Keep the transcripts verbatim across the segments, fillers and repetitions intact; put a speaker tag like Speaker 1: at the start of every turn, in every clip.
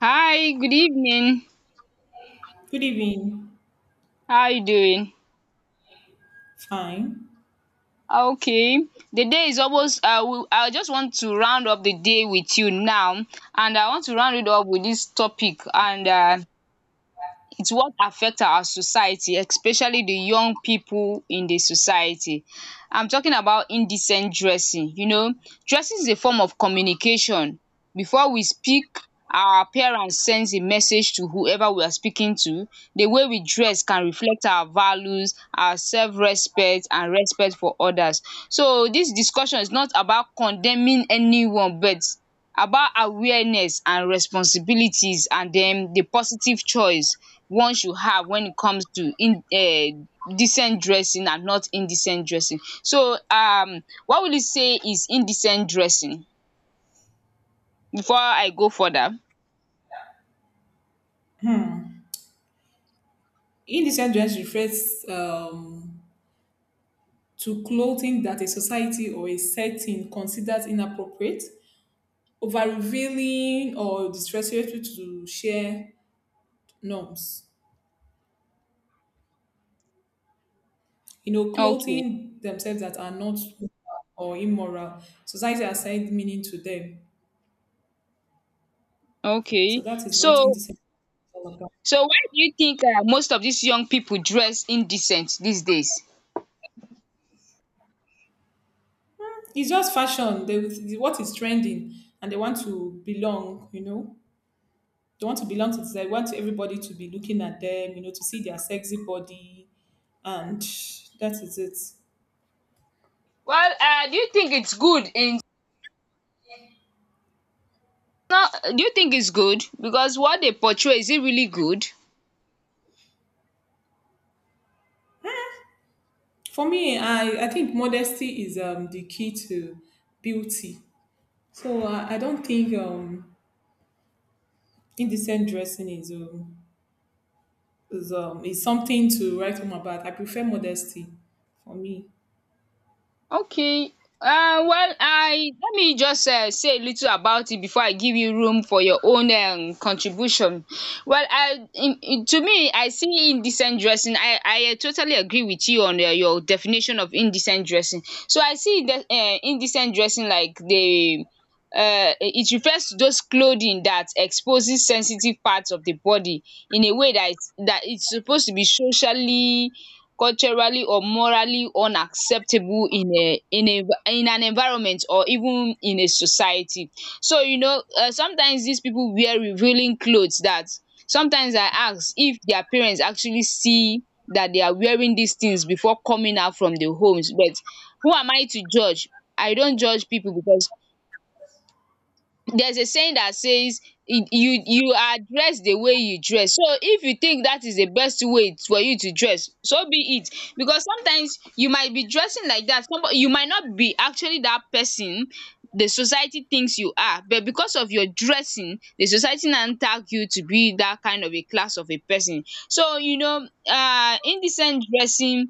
Speaker 1: Hi, good evening.
Speaker 2: Good evening.
Speaker 1: How are you doing?
Speaker 2: Fine.
Speaker 1: Okay. The day is almost I will I just want to round up the day with you now, and I want to round it up with this topic. And uh it's what affect our society, especially the young people in the society. I'm talking about indecent dressing. You know, dressing is a form of communication. Before we speak, our appearance sends a message to whoever we are speaking to. The way we dress can reflect our values, our self-respect and respect for others. So dis discussion is not about condemning anyone, but about awareness and responsibilities, and um the positive choice one should have when it comes to in um decent dressing and not indecent dressing. So um what will you say is indecent dressing before I go further?
Speaker 2: Hmm. Indecent dress refers um, to clothing that a society or a setting considers inappropriate, over revealing or disrespectful to share norms. You know,
Speaker 1: Okay,
Speaker 2: clothing themselves that are not or immoral. Society assigned meaning to them. So
Speaker 1: okay.
Speaker 2: that is what
Speaker 1: so
Speaker 2: indecent is all about.
Speaker 1: so why do you think um most of these young people dress indecent these days?
Speaker 2: It's just fashion. They, what is trending, and they want to belong. You know. They want to belong to society. They want everybody to be looking at them, you know, to see their sexy body, and that is it.
Speaker 1: Well, um do you think it's good in no, do you think it's good, because what they portray, is it really good?
Speaker 2: For me, I, I think modesty is um, the key to beauty. So I, I don't think um, indecent dressing is um, is um, is something to write home about. I prefer modesty for me.
Speaker 1: Okay. Uh, well, I let me just uh, say a little about it before I give you room for your own um, contribution. Well, I in, in- to me, I see indecent dressing. I I uh, totally agree with you on uh, your definition of indecent dressing. So I see that uh, indecent dressing, like the uh, it refers to those clothing that exposes sensitive parts of the body, in a way that is- that it's supposed to be socially, culturally or morally unacceptable in a in a in an environment or even in a society. So you know, um sometimes dis people wear revealing clothes, that sometimes I ask if their parents actually see that they are wearing these things before coming out from the homes. But who am I to judge? I don't judge people, because there's a saying that says you you you are dressed the way you dress. So if you think that is the best way for you to dress, so be it. Because sometimes you might be dressing like that, somebody, you might not be actually that person the society thinks you are, but because of your dressing, the society now tag you to be that kind of a class of a person. So you know, um indecent dressing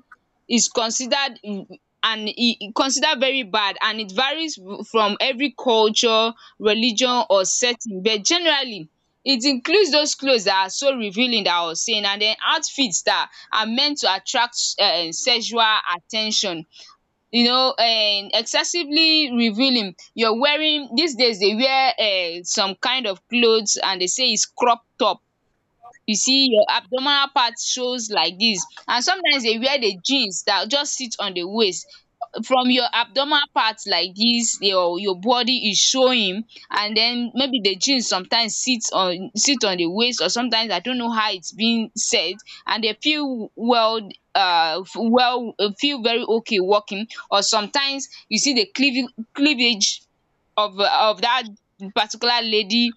Speaker 1: is considered, mm, and e e considered very bad, and it varies w- from every culture, religion or setting, but generally it includes those clothes that are so revealing that or seen and den outfits that are meant to attract um sexual at ten tion. You know, um excessively revealing, you're wearing these days, dey wear um some kind of clothes, and dey say is crop top. You see your abdominal part shows like this, and sometimes they wear the jeans that just sit on the waist. From your abdominal part like this, your your body is showing. And then maybe the jeans sometimes sit on sit on the waist, or sometimes I don't know how it's being set, and they feel well, um well uh, feel very okay walking. Or sometimes you see the cleav- cleavage of uh, of that particular lady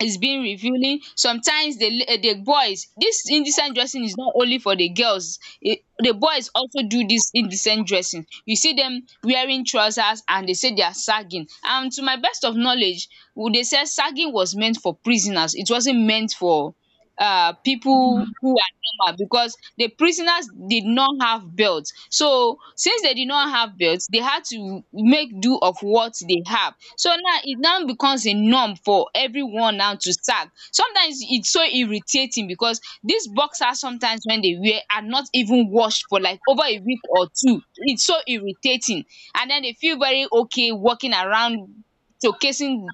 Speaker 1: is being revealing. Sometimes the la- the boys, this indecent dressing is not only for the girls. It, the boys also do this indecent dressing. You see them wearing trousers and they say they are sagging. And to my best of knowledge, w- they said sagging was meant for prisoners, it wasn't meant for um pipu who are normal, because the prisoners did not have belt. So since they did not have belt, they had to make do of what they have. So now it now becomes a norm for everyone now to sack. Sometimes it's so irritating, because these boxers sometimes when they wear are not even washed for like over a week or two. It's so irritating, and then they feel very okay walking around, showcasing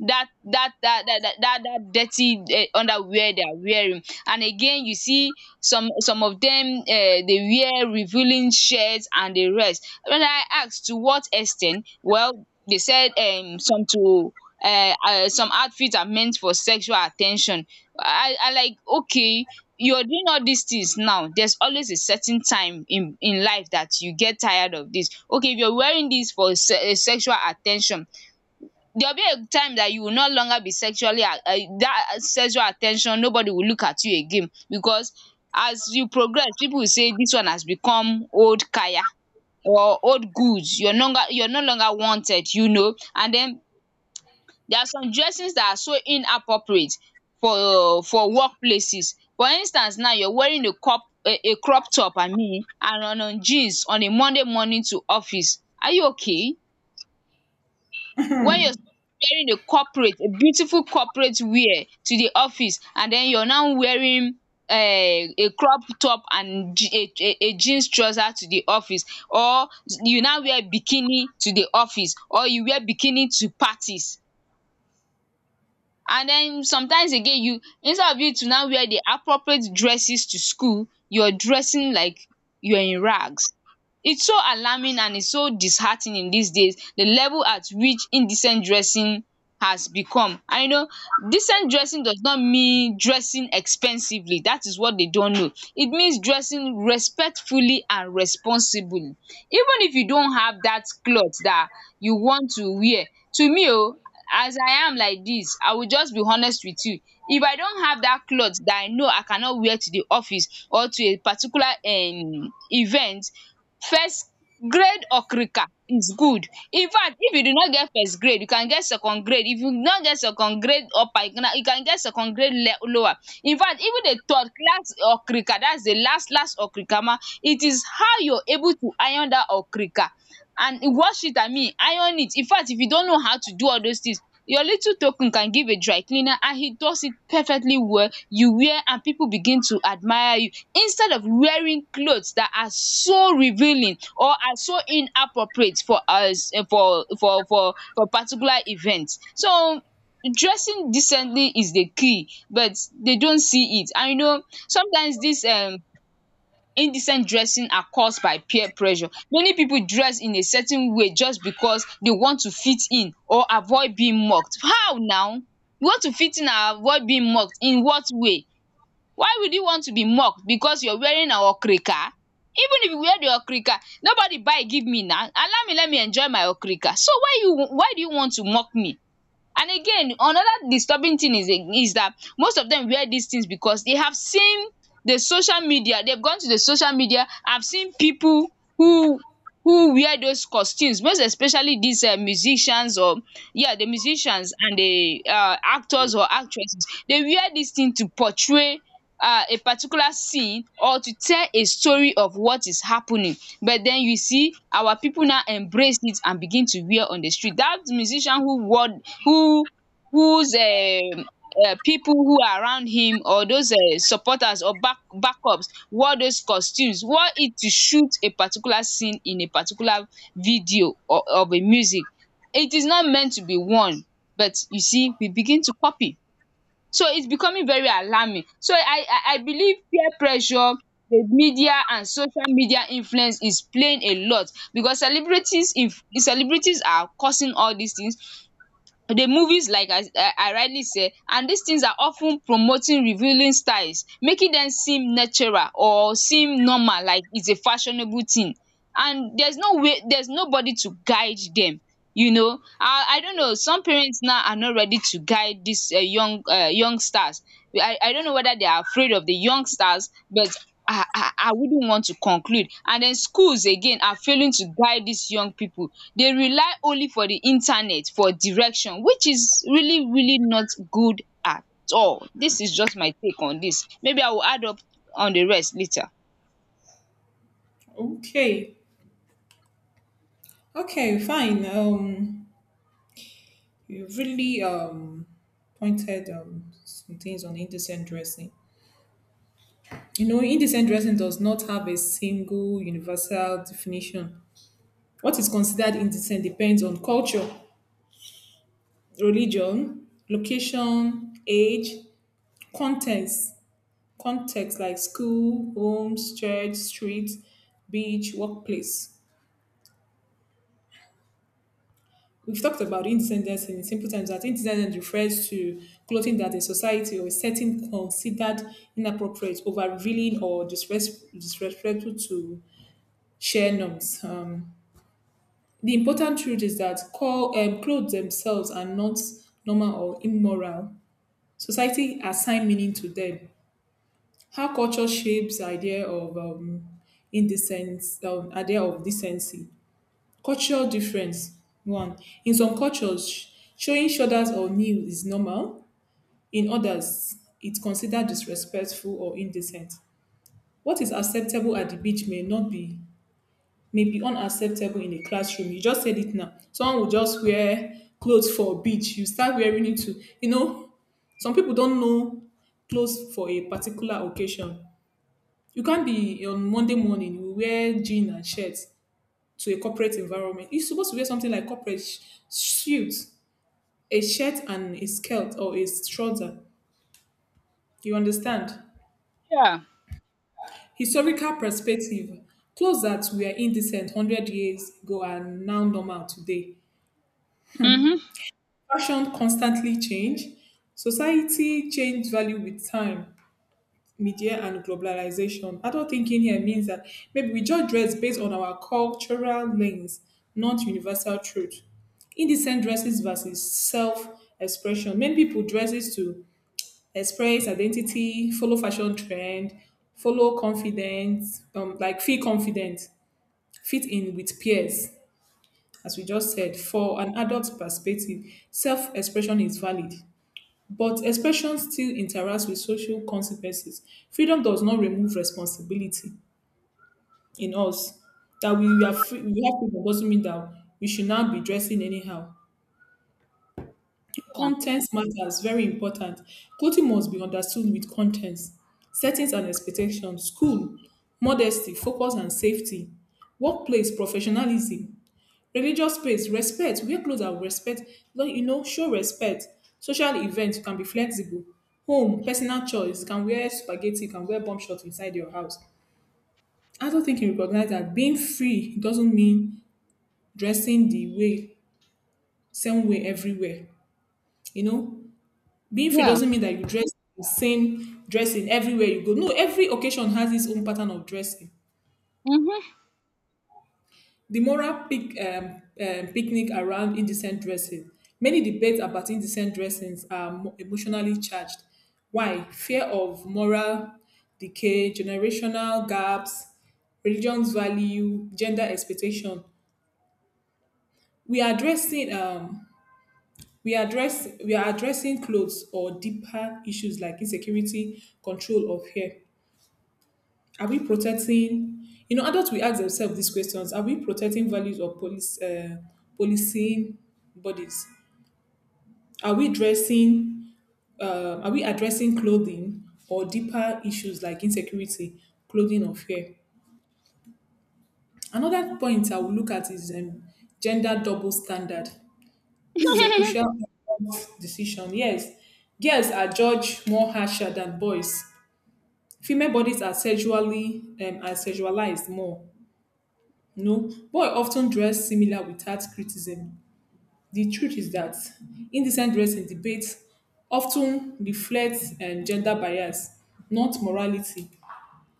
Speaker 1: that that that that that that that dirty um underwear they are wearing. And again, you see some some of them um dey wear revealing shirts and the rest. When I asked to what extent, well, they said um some to uh uh some outfits are meant for sexual attention. I I like okay, you are doing all these things now, there's always a certain time in in life that you get tired of this. Okay, if you are wearing this for um sexual attention, there will be a time that you will no longer be sexually, um that uh, sexual attention, nobody will look at you again. Because as you progress, people will say this one has become old kaya, or old goods. you're no longer you're no longer wanted, you know. And then there are some dressings that are so inappropriate for for work places. For instance, now you're wearing a crop a a crop top, I mean, and on on jeans on a Monday morning to office. Are you okay, when you're supposed to be wearing a corporate, a beautiful corporate wear to the office, and then you're now wearing um a crop top and je- a a a jeans trouser to the office? Or you now wear bikini to the office, or you wear bikini to parties. And then sometimes again, you, instead of you to now wear the appropriate dresses to school, you're dressing like you're in rags. It's so alarming, and it's so disheartening these days, the level at which indecent dressing has become. And you know, decent dressing does not mean dressing expensively. That is what they don't know. It means dressing respectfully and responsibly, even if you don't have that cloth that you want to wear. To me o, as I am like this, I will just be honest with you. If I don't have that cloth that I know I cannot wear to the office or to a particular um event, first grade okrika is good. In fact, if you do not get first grade, you can get second grade. If you not get second grade upper, you can you can get second grade le- lower. In fact, even the third class okrika, that's the last last okrika ma, it is how you're able to iron dat okrika and wash it, I mean iron it. Infact, if you don't know how to do all those things, your little token can give a dry cleaner and he does it perfectly well. You wear and people begin to admire you, instead of wearing clothes that are so revealing or are so inappropriate for us, uh, for for for for particular event. So dressing decently is the key, but they don't see it. And you know, sometimes dis um indecent dressing are caused by peer pressure. Many people dress in a certain way just because they want to fit in or avoid being mocked. How now? You want to fit in and avoid being mocked in what way? Why would you want to be mocked because you're wearing an okrika? Even if you wear the okrika, nobody buy give me now. Allow me let me enjoy my okrika. So why you why do you want to mock me? And again, another disturbing thing is is that most of them wear these things because they have seen the social media. They've gone to the social media, I have seen people who who wear those costumes, most especially these um musicians, or yeah, the musicians and the um actors or actresses. They wear this thing to portray um a particular scene or to tell a story of what is happening, but then you see our people now embrace it and begin to wear on the street. That musician who wore, who whose um um pipu who are around him, or those um supporters or back backups, wore those costumes, wore it to shoot a particular scene in a particular video or of a music. It is not meant to be worn, but you see we begin to copy. So it's becoming very alarming. So I I I believe peer pressure, the media and social media influence is playing a lot. Because celebrities, if celebrities are causing all these things, the movies, like I I rightly said, and dis things are of ten promoting revealing styles, making dem seem natural or seem normal, like its a fashionable thing. And there's no way, there's nobody to guide dem, you know. And I don't know, some parents now are not ready to guide dis um young um youngsters. I I don't know whether they are afraid of the youngsters, but I I ah, we do want to conclude. And then schools again are failing to guide these young people. They rely only for the internet for direction, which is really really not good at all. This is just my take on this. Maybe I will add up on the rest later.
Speaker 2: Okay, okay, fine. Um, you really um pointed um some things on indecent dressing. You know, indecent dressing does not have a single universal definition. What is considered indecent depends on culture, religion, location, age, contents, context like school, homes, church, street, beach, workplace. We've talked about indecent dressing in simple terms that indecent refers to clothing that a society or a setting considered inappropriate, over revealing or disres- disrespectful to share norms. Um, The important truth is that call, um clothes themselves are not normal or immoral. Society assign meaning to them. How culture shapes the idea of um indecent, um idea of decency, cultural difference. One, in some cultures, sh- showing shoulders or knees is normal. In others, it's considered disrespectful or indecent. What is acceptable at the beach may not be may be unacceptable in a classroom. You just said it now. Someone will just wear clothes for a beach. You start wearing it to, you know, some people don't know clothes for a particular occasion. You can't be on Monday morning, you wear jean and shirt to a corporate environment. You're supposed to wear something like corporate sh- suit, a shirt and a skirt or a trouser. You understand?
Speaker 1: Yeah.
Speaker 2: Historical perspective. Clothes that were indecent a hundred years ago are now normal today.
Speaker 1: Mhm.
Speaker 2: Fashion constantly change. Society change value with time, media and globalization. Adult thinking here means that maybe we judge dress based on our cultural lens, not universal truth. Indecent dresses versus self-expression. Many people dresses to express identity, follow fashion trend, follow confidence, um, like feel confident, fit in with peers. As we just said, for an adult perspective, self-expression is valid but expression still interacts with social consequences. Freedom does not remove responsibility in us. That we are free, we have freedom doesn't mean that we should not be dressing anyhow. Content matters, very important. Clothing must be understood with contents, settings and expectations: school, modesty, focus and safety; workplace, professionalism; religious space, respect, wear cloth and respect, like, you know show respect; social event, you can be flexible; home, personal choice, you can wear spaghetti, you can wear bomb shorts inside your house. I don't think you recognize that being free doesn't mean dressing the way same way everywhere. You know, being free
Speaker 1: Yeah.
Speaker 2: doesn't mean that you dress the same dressing everywhere you go. No, every occasion has its own pattern of dressing.
Speaker 1: Mhm.
Speaker 2: The moral pic, um, um, picnic around indecent dressing. Many debates about indecent dressings are mo- emotionally charged. Why? Fear of moral decay, generational gaps, religion's value, gender expectation. We are addressing um, we are address, we are addressing clothes or deeper issues like insecurity, control, or fear. Are we protecting? You know, adults will ask themselves these questions: Are we protecting values or police uh, policing bodies? Are we dressing? Uh, are we addressing clothing or deeper issues like insecurity, clothing, or fear? Another point I will look at is um, gender double standard. This is a crucial decision. Yes, girls are judged more harsher than boys. Female bodies are sexually um, are sexualized more. No, boy, often dress similar without criticism. The truth is that indecent dress dressing debates often reflects um, gender bias, not morality.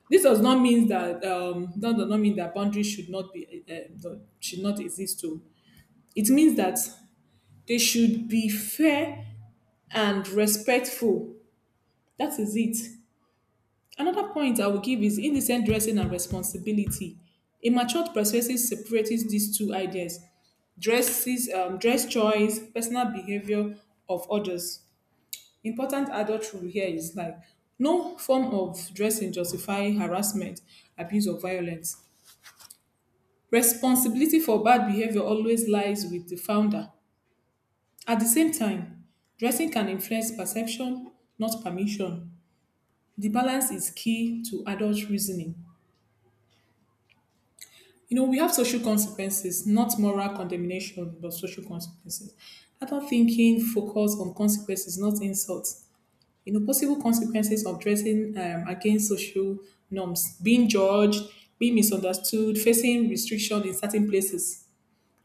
Speaker 2: This does not mean that um, that does not mean that boundaries should not be uh, uh, should not exist. Too. It means that they should be fair and respectful. That is it. Another point I will give is indecent dressing and responsibility. A matured perspective separates these two ideas: dresses, um, dress choice, personal behavior of others. Important adult rule here is like no form of dressing justify harassment, abuse, or violence. Responsibility for bad behavior always lies with the founder. At the same time, dressing can influence perception, not permission. The balance is key to adult reasoning. You know, we have social consequences, not moral condemnation, but social consequences. Adult thinking focus on consequences, not insults. You know, possible consequences of dressing um, against social norms: being judged, being misunderstood, facing restriction in certain places.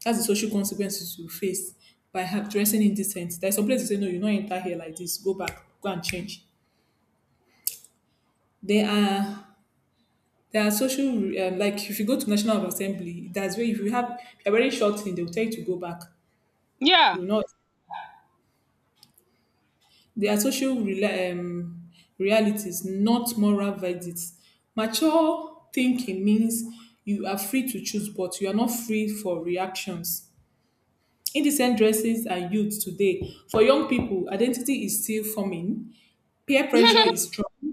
Speaker 2: That's the social consequences you face by have dressing indecent. There's some places you say, no, you don't enter here like this. Go back, go and change. There are there are social, um, like if you go to National Assembly, that's where if you have if you're wearing short thing, they'll tell you to go back. You
Speaker 1: Yeah,
Speaker 2: will not. They are social rela- um, realities, not moral verdicts. Mature thinking means you are free to choose, but you are not free for reactions. Indecent dresses are youth today. For young people, identity is still forming. Peer pressure is strong.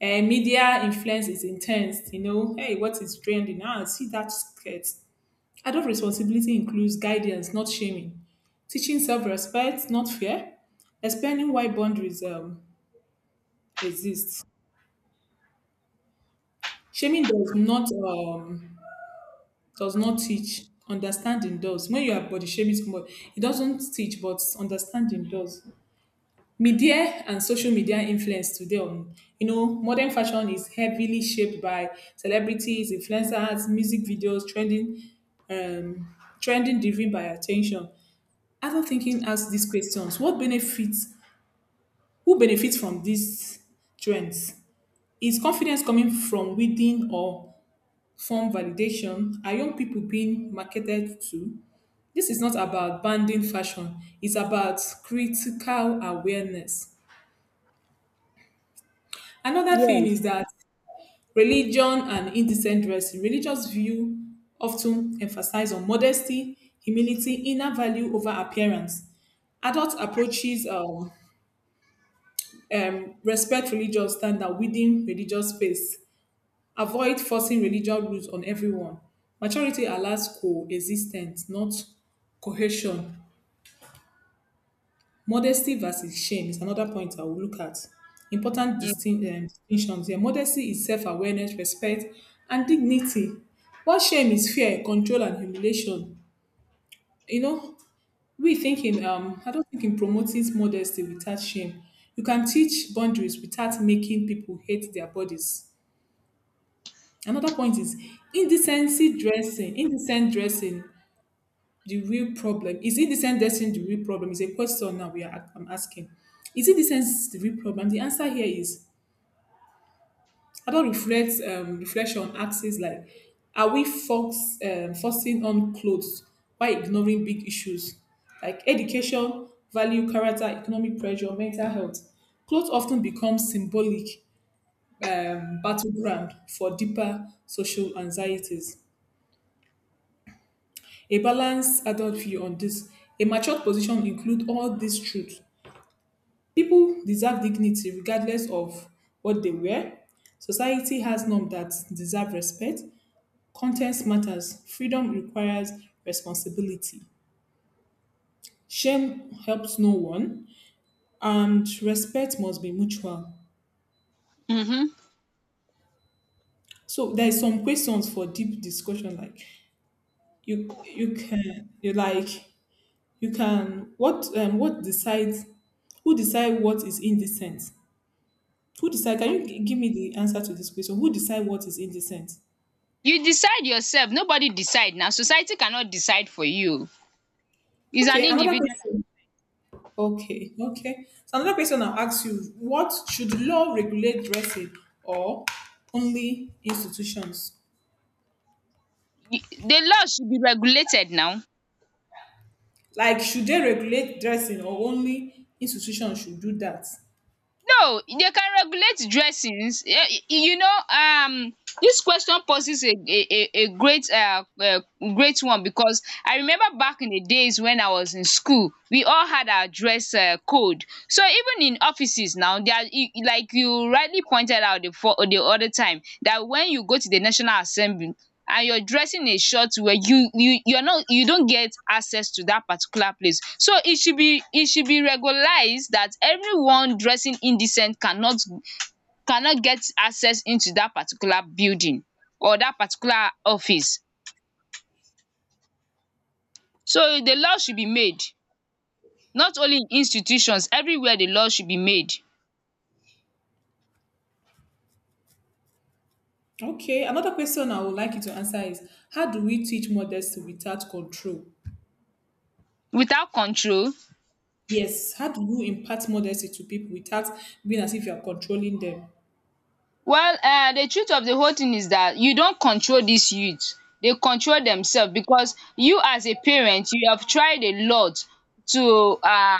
Speaker 2: And media influence is intense. You know, hey, what is trending? Ah, see that skirt. Adult responsibility includes guidance, not shaming. Teaching self-respect, not fear. Explaining why boundaries um, exists. Shaming does not um, does not teach. Understanding does. When you are body shaming somebody, it doesn't teach, but understanding does. Media and social media influence today on you know modern fashion is heavily shaped by celebrities, influencers, music videos, trending um, trending driven by attention. After thinking, ask these questions: What benefits? Who benefits from these trends? Is confidence coming from within or form validation? Are young people being marketed to? This is not about banning fashion, it's about critical awareness. Another thing
Speaker 1: yeah.
Speaker 2: is that religion and indecent dressing. Religious view often emphasize on modesty, humility, inner value over appearance. Adult approaches um, um, respect religious standard within religious space. Avoid forcing religious rules on everyone. Maturity allows coexistence, not coercion. Modesty versus shame is another point I will look at. Important distin- um, distinctions here. Modesty is self awareness, respect, and dignity. While shame is fear, control, and humiliation. You know, we think in, um, I don't think in promoting modesty without shame. You can teach boundaries without making people hate their bodies. Another point is indecency dressing. Indecent dressing the real problem? Is it decency the real problem? Is a question now we are I'm asking. Is it decency the real problem? The answer here is adult reflect um, reflection axis like are we force, um, forcing on clothes while ignoring big issues like education, value, character, economic pressure, mental health? Clothes often become symbolic um, battleground for deeper social anxieties. A balanced adult view on this, a matured position include all these truths. People deserve dignity regardless of what they wear. Society has norms that deserve respect. Content matters. Freedom requires responsibility. Shame helps no one, and respect must be mutual.
Speaker 1: Mhm.
Speaker 2: So there is some questions for deep discussion. Like you, you can, you like, you can. What, um, what decides? Who decide what is indecent? Who decide? Can you g- give me the answer to this question? Who decide what is indecent?
Speaker 1: You decide yourself, nobody decide now. Society cannot decide for you. It's an
Speaker 2: Okay, another
Speaker 1: individual.
Speaker 2: question. Okay, okay. So another question I'll ask you, what should law regulate dressing or only institutions?
Speaker 1: The law should be regulated now.
Speaker 2: Like should they regulate dressing or only institutions should do that?
Speaker 1: No, they can regulate dressings. um You know, um this question poses a a a a great uh uh great one because I remember back in the days when I was in school, we all had our dress um code. So even in offices now, they are y- like you rightly pointed out the for the other time that when you go to the National Assembly and you're dressing a short wear, you you you're not you don't get access to that particular place, so it should be it should be regularized that everyone dressing indecent cannot cannot get access into that particular building or that particular office. So the law should be made, not only in institutions, everywhere the law should be made.
Speaker 2: Okay, another question I would like you to answer is how do we teach modesty without control?
Speaker 1: Without control.
Speaker 2: Yes, how do you impart modesty to people without being as if you are controlling them?
Speaker 1: Well, um the truth of the whole thing is that you don't control these youths; they control themselves because you, as a parent, you have tried a lot to um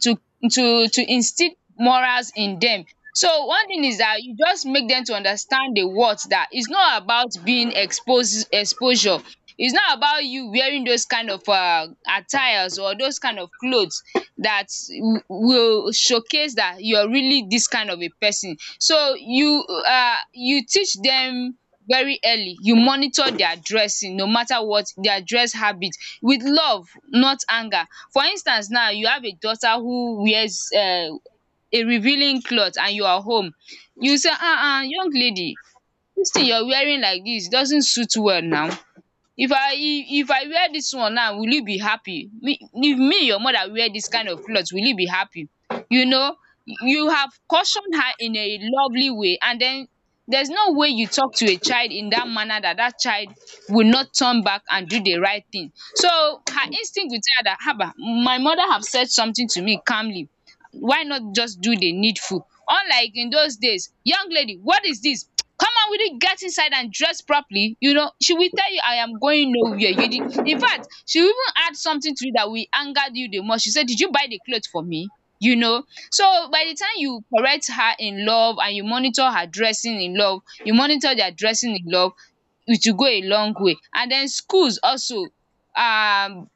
Speaker 1: to to to instill morals in dem. So one thing is dat you just make dem to understand the worth, dat is not about being expose exposure. It's not about you wearing those kind of um attires or those kind of cloths dat will showcase dat you're really dis kind of a person. So you um you teach dem very early, you monitor their dressing no matter what their dress habit, with love, not anger. For instance, now you have a daughter who wears um a revealing cloth and you are home, you say, um young lady, dis thing you are wearing like dis doesn't suit well now. If I if I wear dis one now, will you be happy? Me, if me your mother wear dis kind of cloth, will you be happy? You know, you have cautioned her in a lovely way, and then there's no way you talk to a child in that manner that that child will not turn back and do the right thing. So her instinct will tell her dat haba, my mother have said something to me calmly, why not just do the needful? Unlike in those days, young lady, what is this? Come on, we it get inside and dress properly. You know, she will tell you, I am going nowhere. You did, in fact, she will even add something to it that will anger you the most. She said, did you buy the clothes for me? You know, so by the time you correct her in love and you monitor her dressing in love, you monitor their dressing in love, it will go a long way. And then schools also, um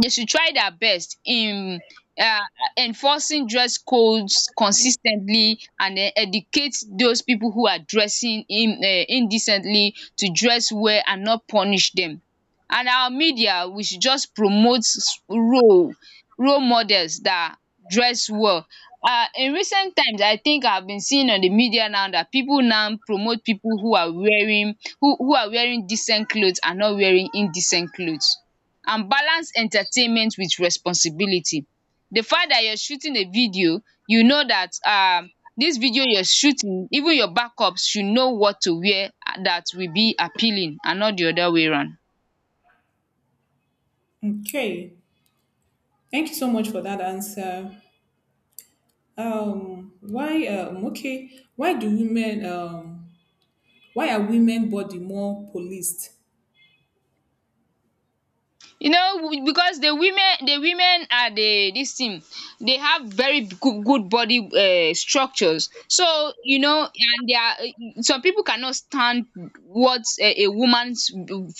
Speaker 1: they should try their best in um enforcing dress codes consis ten tly, and then educate those people who are dressing in um indecently to dress well and not punish them. And our media, we should just promote s- role role models that dress well. um in recent times, I think I've been seeing on the media now that people now promote people who are wearing who who are wearing decent clothes and not wearing indecent clothes, and balance entertainment with responsibility. The fact that you're shooting a video, you know that um dis video you're shooting, even your backups should know what to wear, uh, that will be appealing and not the other way round.
Speaker 2: Okay. Thank you so much for that answer. Um, why? Um, okay. Why do women? Um, why are women body more policed?
Speaker 1: You know, because the women the women are the dis thing, they have very good good body um structures. So you know, and they are eh, some pipu cannot stand what a a woman's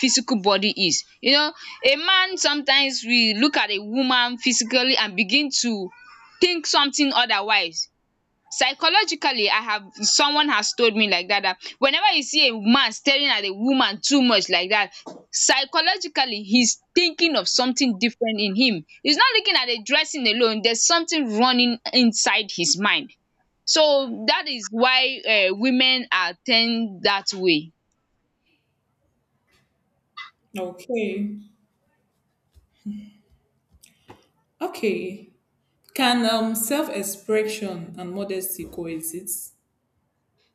Speaker 1: physical body is. You know, a man sometimes will look at a woman physically and begin to think something otherwise. Psychologically, I have someone has told me like that, that whenever you see a man staring at a woman too much like that, psychologically he's thinking of something different in him, he's not looking at the dressing alone, there's something running inside his mind. So that is why, uh, women are tend that way.
Speaker 2: Okay. Okay. Can um self-expression and modesty coexist?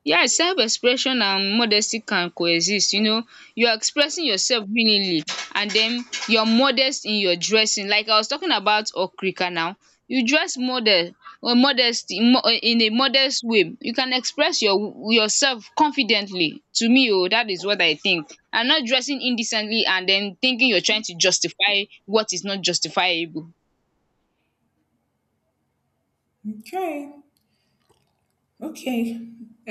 Speaker 1: Yes, self-expression and modesty can coexist. You know, you are expressing yourself willingly, and then you're modest in your dressing. Like I was talking about okrika now, you dress model or modesty mo- uh, in a modest way. You can express your yourself confidently. To me oh, that is what I think. And not dressing indecently and then thinking you're trying to justify what is not justifiable.
Speaker 2: Okay. Okay.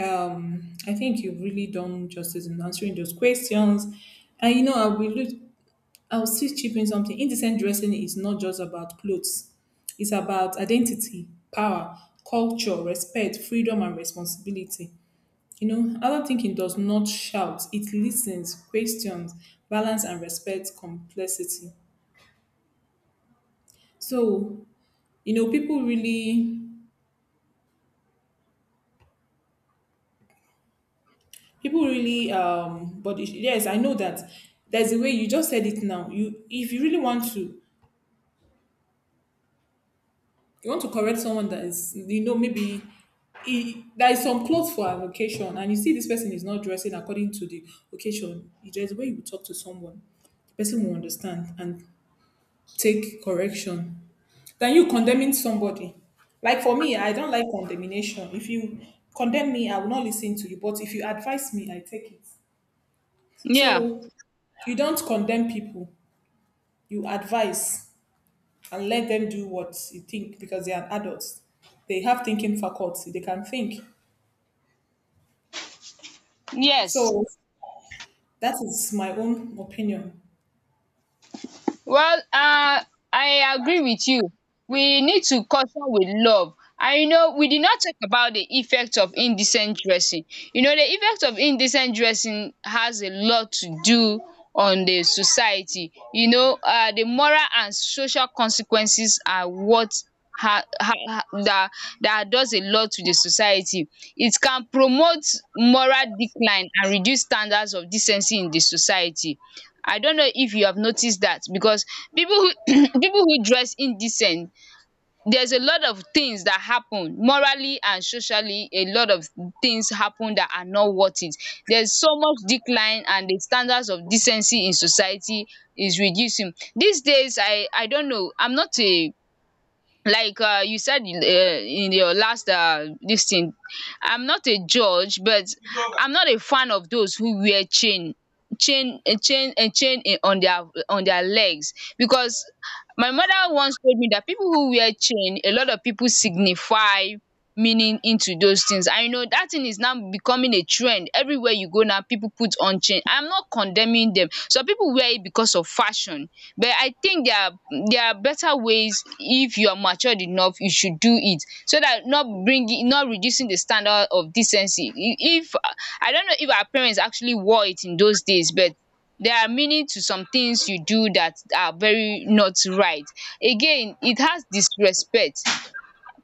Speaker 2: Um, I think you've really done justice in answering those questions. And you know, I will look, I'll still chip in something. Indecent dressing is not just about clothes. It's about identity, power, culture, respect, freedom, and responsibility. You know, adult thinking does not shout, it listens, questions, balance and respects complexity. So, you know, people really people really um but it- yes, I know that there's a way you just said it now. You If you really want to you want to correct someone that is, you know maybe he, there is some clothes for an occasion and you see this person is not dressing according to the occasion. There's a way you talk to someone. The person will understand and take correction than you condemning somebody. Like for me, I don't like condemnation. If you condemn me, I will not listen to you. But if you advise me, I take it.
Speaker 1: Yeah.
Speaker 2: So you don't condemn people, you advise and let them do what you think because they are adults. They have thinking faculty, they can think.
Speaker 1: Yes.
Speaker 2: So that is my own opinion.
Speaker 1: Well, um I agree with you. We need to caution with love. And you know, we did not talk about the effect of indecent dressing. You know, the effect of indecent dressing has a lot to do on the society. You know, um the moral and social consequences are what ha ha ha that that does a lot to the society. It can promote moral decline and reduce standards of decency in the society. I don't know if you have noticed that, because people who people who dress indecent, there's a lot of things that happen morally and socially, a lot of things happen that are not worth it. There's so much decline, and the standards of decency in society is reducing. These days, I I don't know, I'm not a, like, uh, you said in, uh, in your last uh, this thing, I'm not a judge, but I'm not a fan of those who wear chain, chain a chain a chain in- on their on their legs, because my mother once told me that people who wear chain, a lot of people signify meaning into those things. I know that thing is now becoming a trend, everywhere you go now people put on chain. I'm not condemning them, some people wear it because of fashion, but I think there are there are better ways. If you are matured enough, you should do it, so that not bringing not reducing the standard of decency. If I don't know if our parents actually wore it in those days, but there are meaning to some things you do that are very not right. Again, it has disrespect,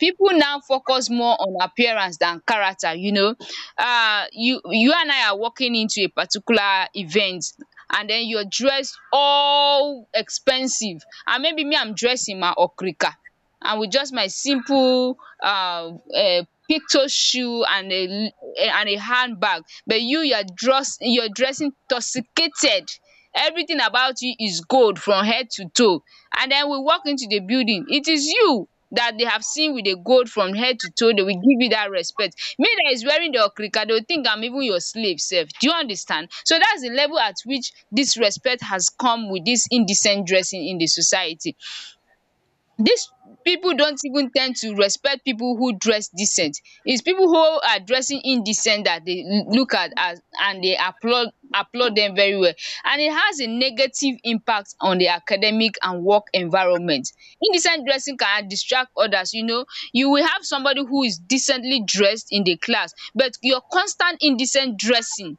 Speaker 1: people now focus more on appearance than character you know um you you and I are walking into a particular event, and den you're dressed all expensive, and maybe me, I'm dressed in my okrika and with just my simple um picto shoe and a and a handbag, but you you're dressed you're dressing toxicated, everything about you is gold from head to toe, and then we walk into the building, it is you that they have seen with the gold from head to toe, they will give you that respect. Me, that is wearing the okrika, they will think I'm even your slave, self. Do you understand? So that's the level at which this respect has come with this indecent dressing in the society. Dis pipu don't even ten d to respect pipu who dress decent. It's pipu who are dressing indecent that they look at as, and they applaud applaud dem very well. And it has a negative impact on the academic and work environment. Indecent dressing can distract others you know. You will have somebody who is decently dressed in the class, but your constant indecent dressing,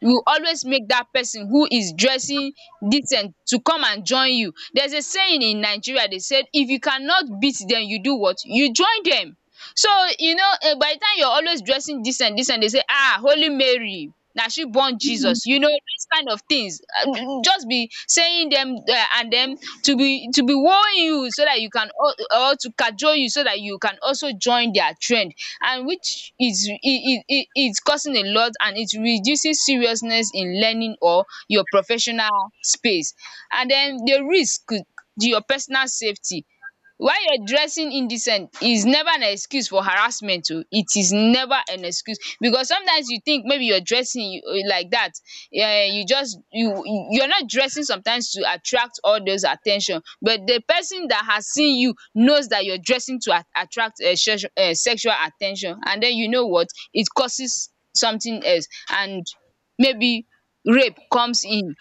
Speaker 1: you always make that person who is dressing decent to come and join you. There's a saying in Nigeria, they said, if you cannot beat them, you do what, you join them. So you know, um by the time you're always dressing decent decent, they say, ah, holy Mary, na she born Jesus, you know, this kind of things. Uh, just be saying them, um and then to be to be warn you so that you can al- or to cajole you, so that you can also join their trend, and which is is causing a lot, and it reducing seriousness in learning or your professional space. And den the risk to your personal safety. Why you're dressing indecent is never an excuse for harassment oh. It is never an excuse, because sometimes you think maybe you're dressing, you- like dat. Yeah, yeah, you just you you're not dressing sometimes to attract all those attention, but the person that has seen you knows that you're dressing to at- attract um sexual attention, and then, you know what, it causes something else, and maybe rape comes in,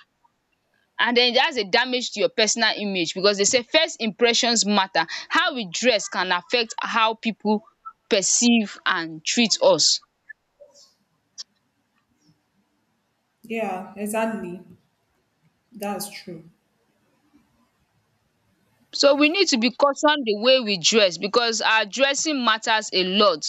Speaker 1: and then that's a damage to your personal image, because they say first impressions matter, how we dress can affect how people perceive and treat us.
Speaker 2: Yeah, exactly. That's true.
Speaker 1: So we need to be cautious the way we dress, because our dressing matters a lot.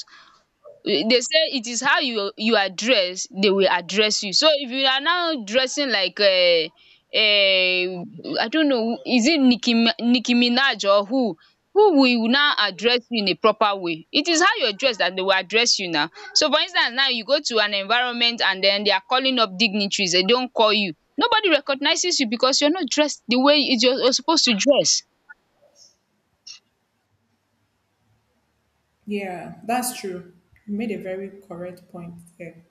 Speaker 1: Eh, They say it is how you you are dressed they will address you. So if you are now dressing like, um um I don't know, is it Nicki Mi- Nicki Minaj or who who will now address you in a proper way. It is how you are dressed that they will address you now. So for instance, now you go to an environment and then they are calling up dignitaries, they don't call you. Nobody recognizes you because you are not dressed the way you are supposed to dress.
Speaker 2: Yeah, that's true. You made a very correct point there.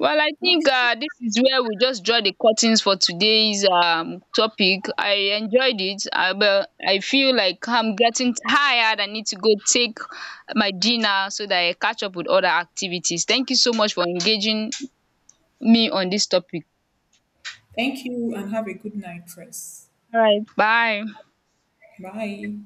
Speaker 1: Well, I think,
Speaker 2: Okay.
Speaker 1: um dis is where we just draw the curtains for today's um topic. I enjoyed it, um but I feel like I'm getting tired. I need to go take my dinner so that I catch up with other activities. Thank you so much for engaging me on this topic.
Speaker 2: Thank you and have a good night, Chris.
Speaker 1: Bye.
Speaker 2: Bye.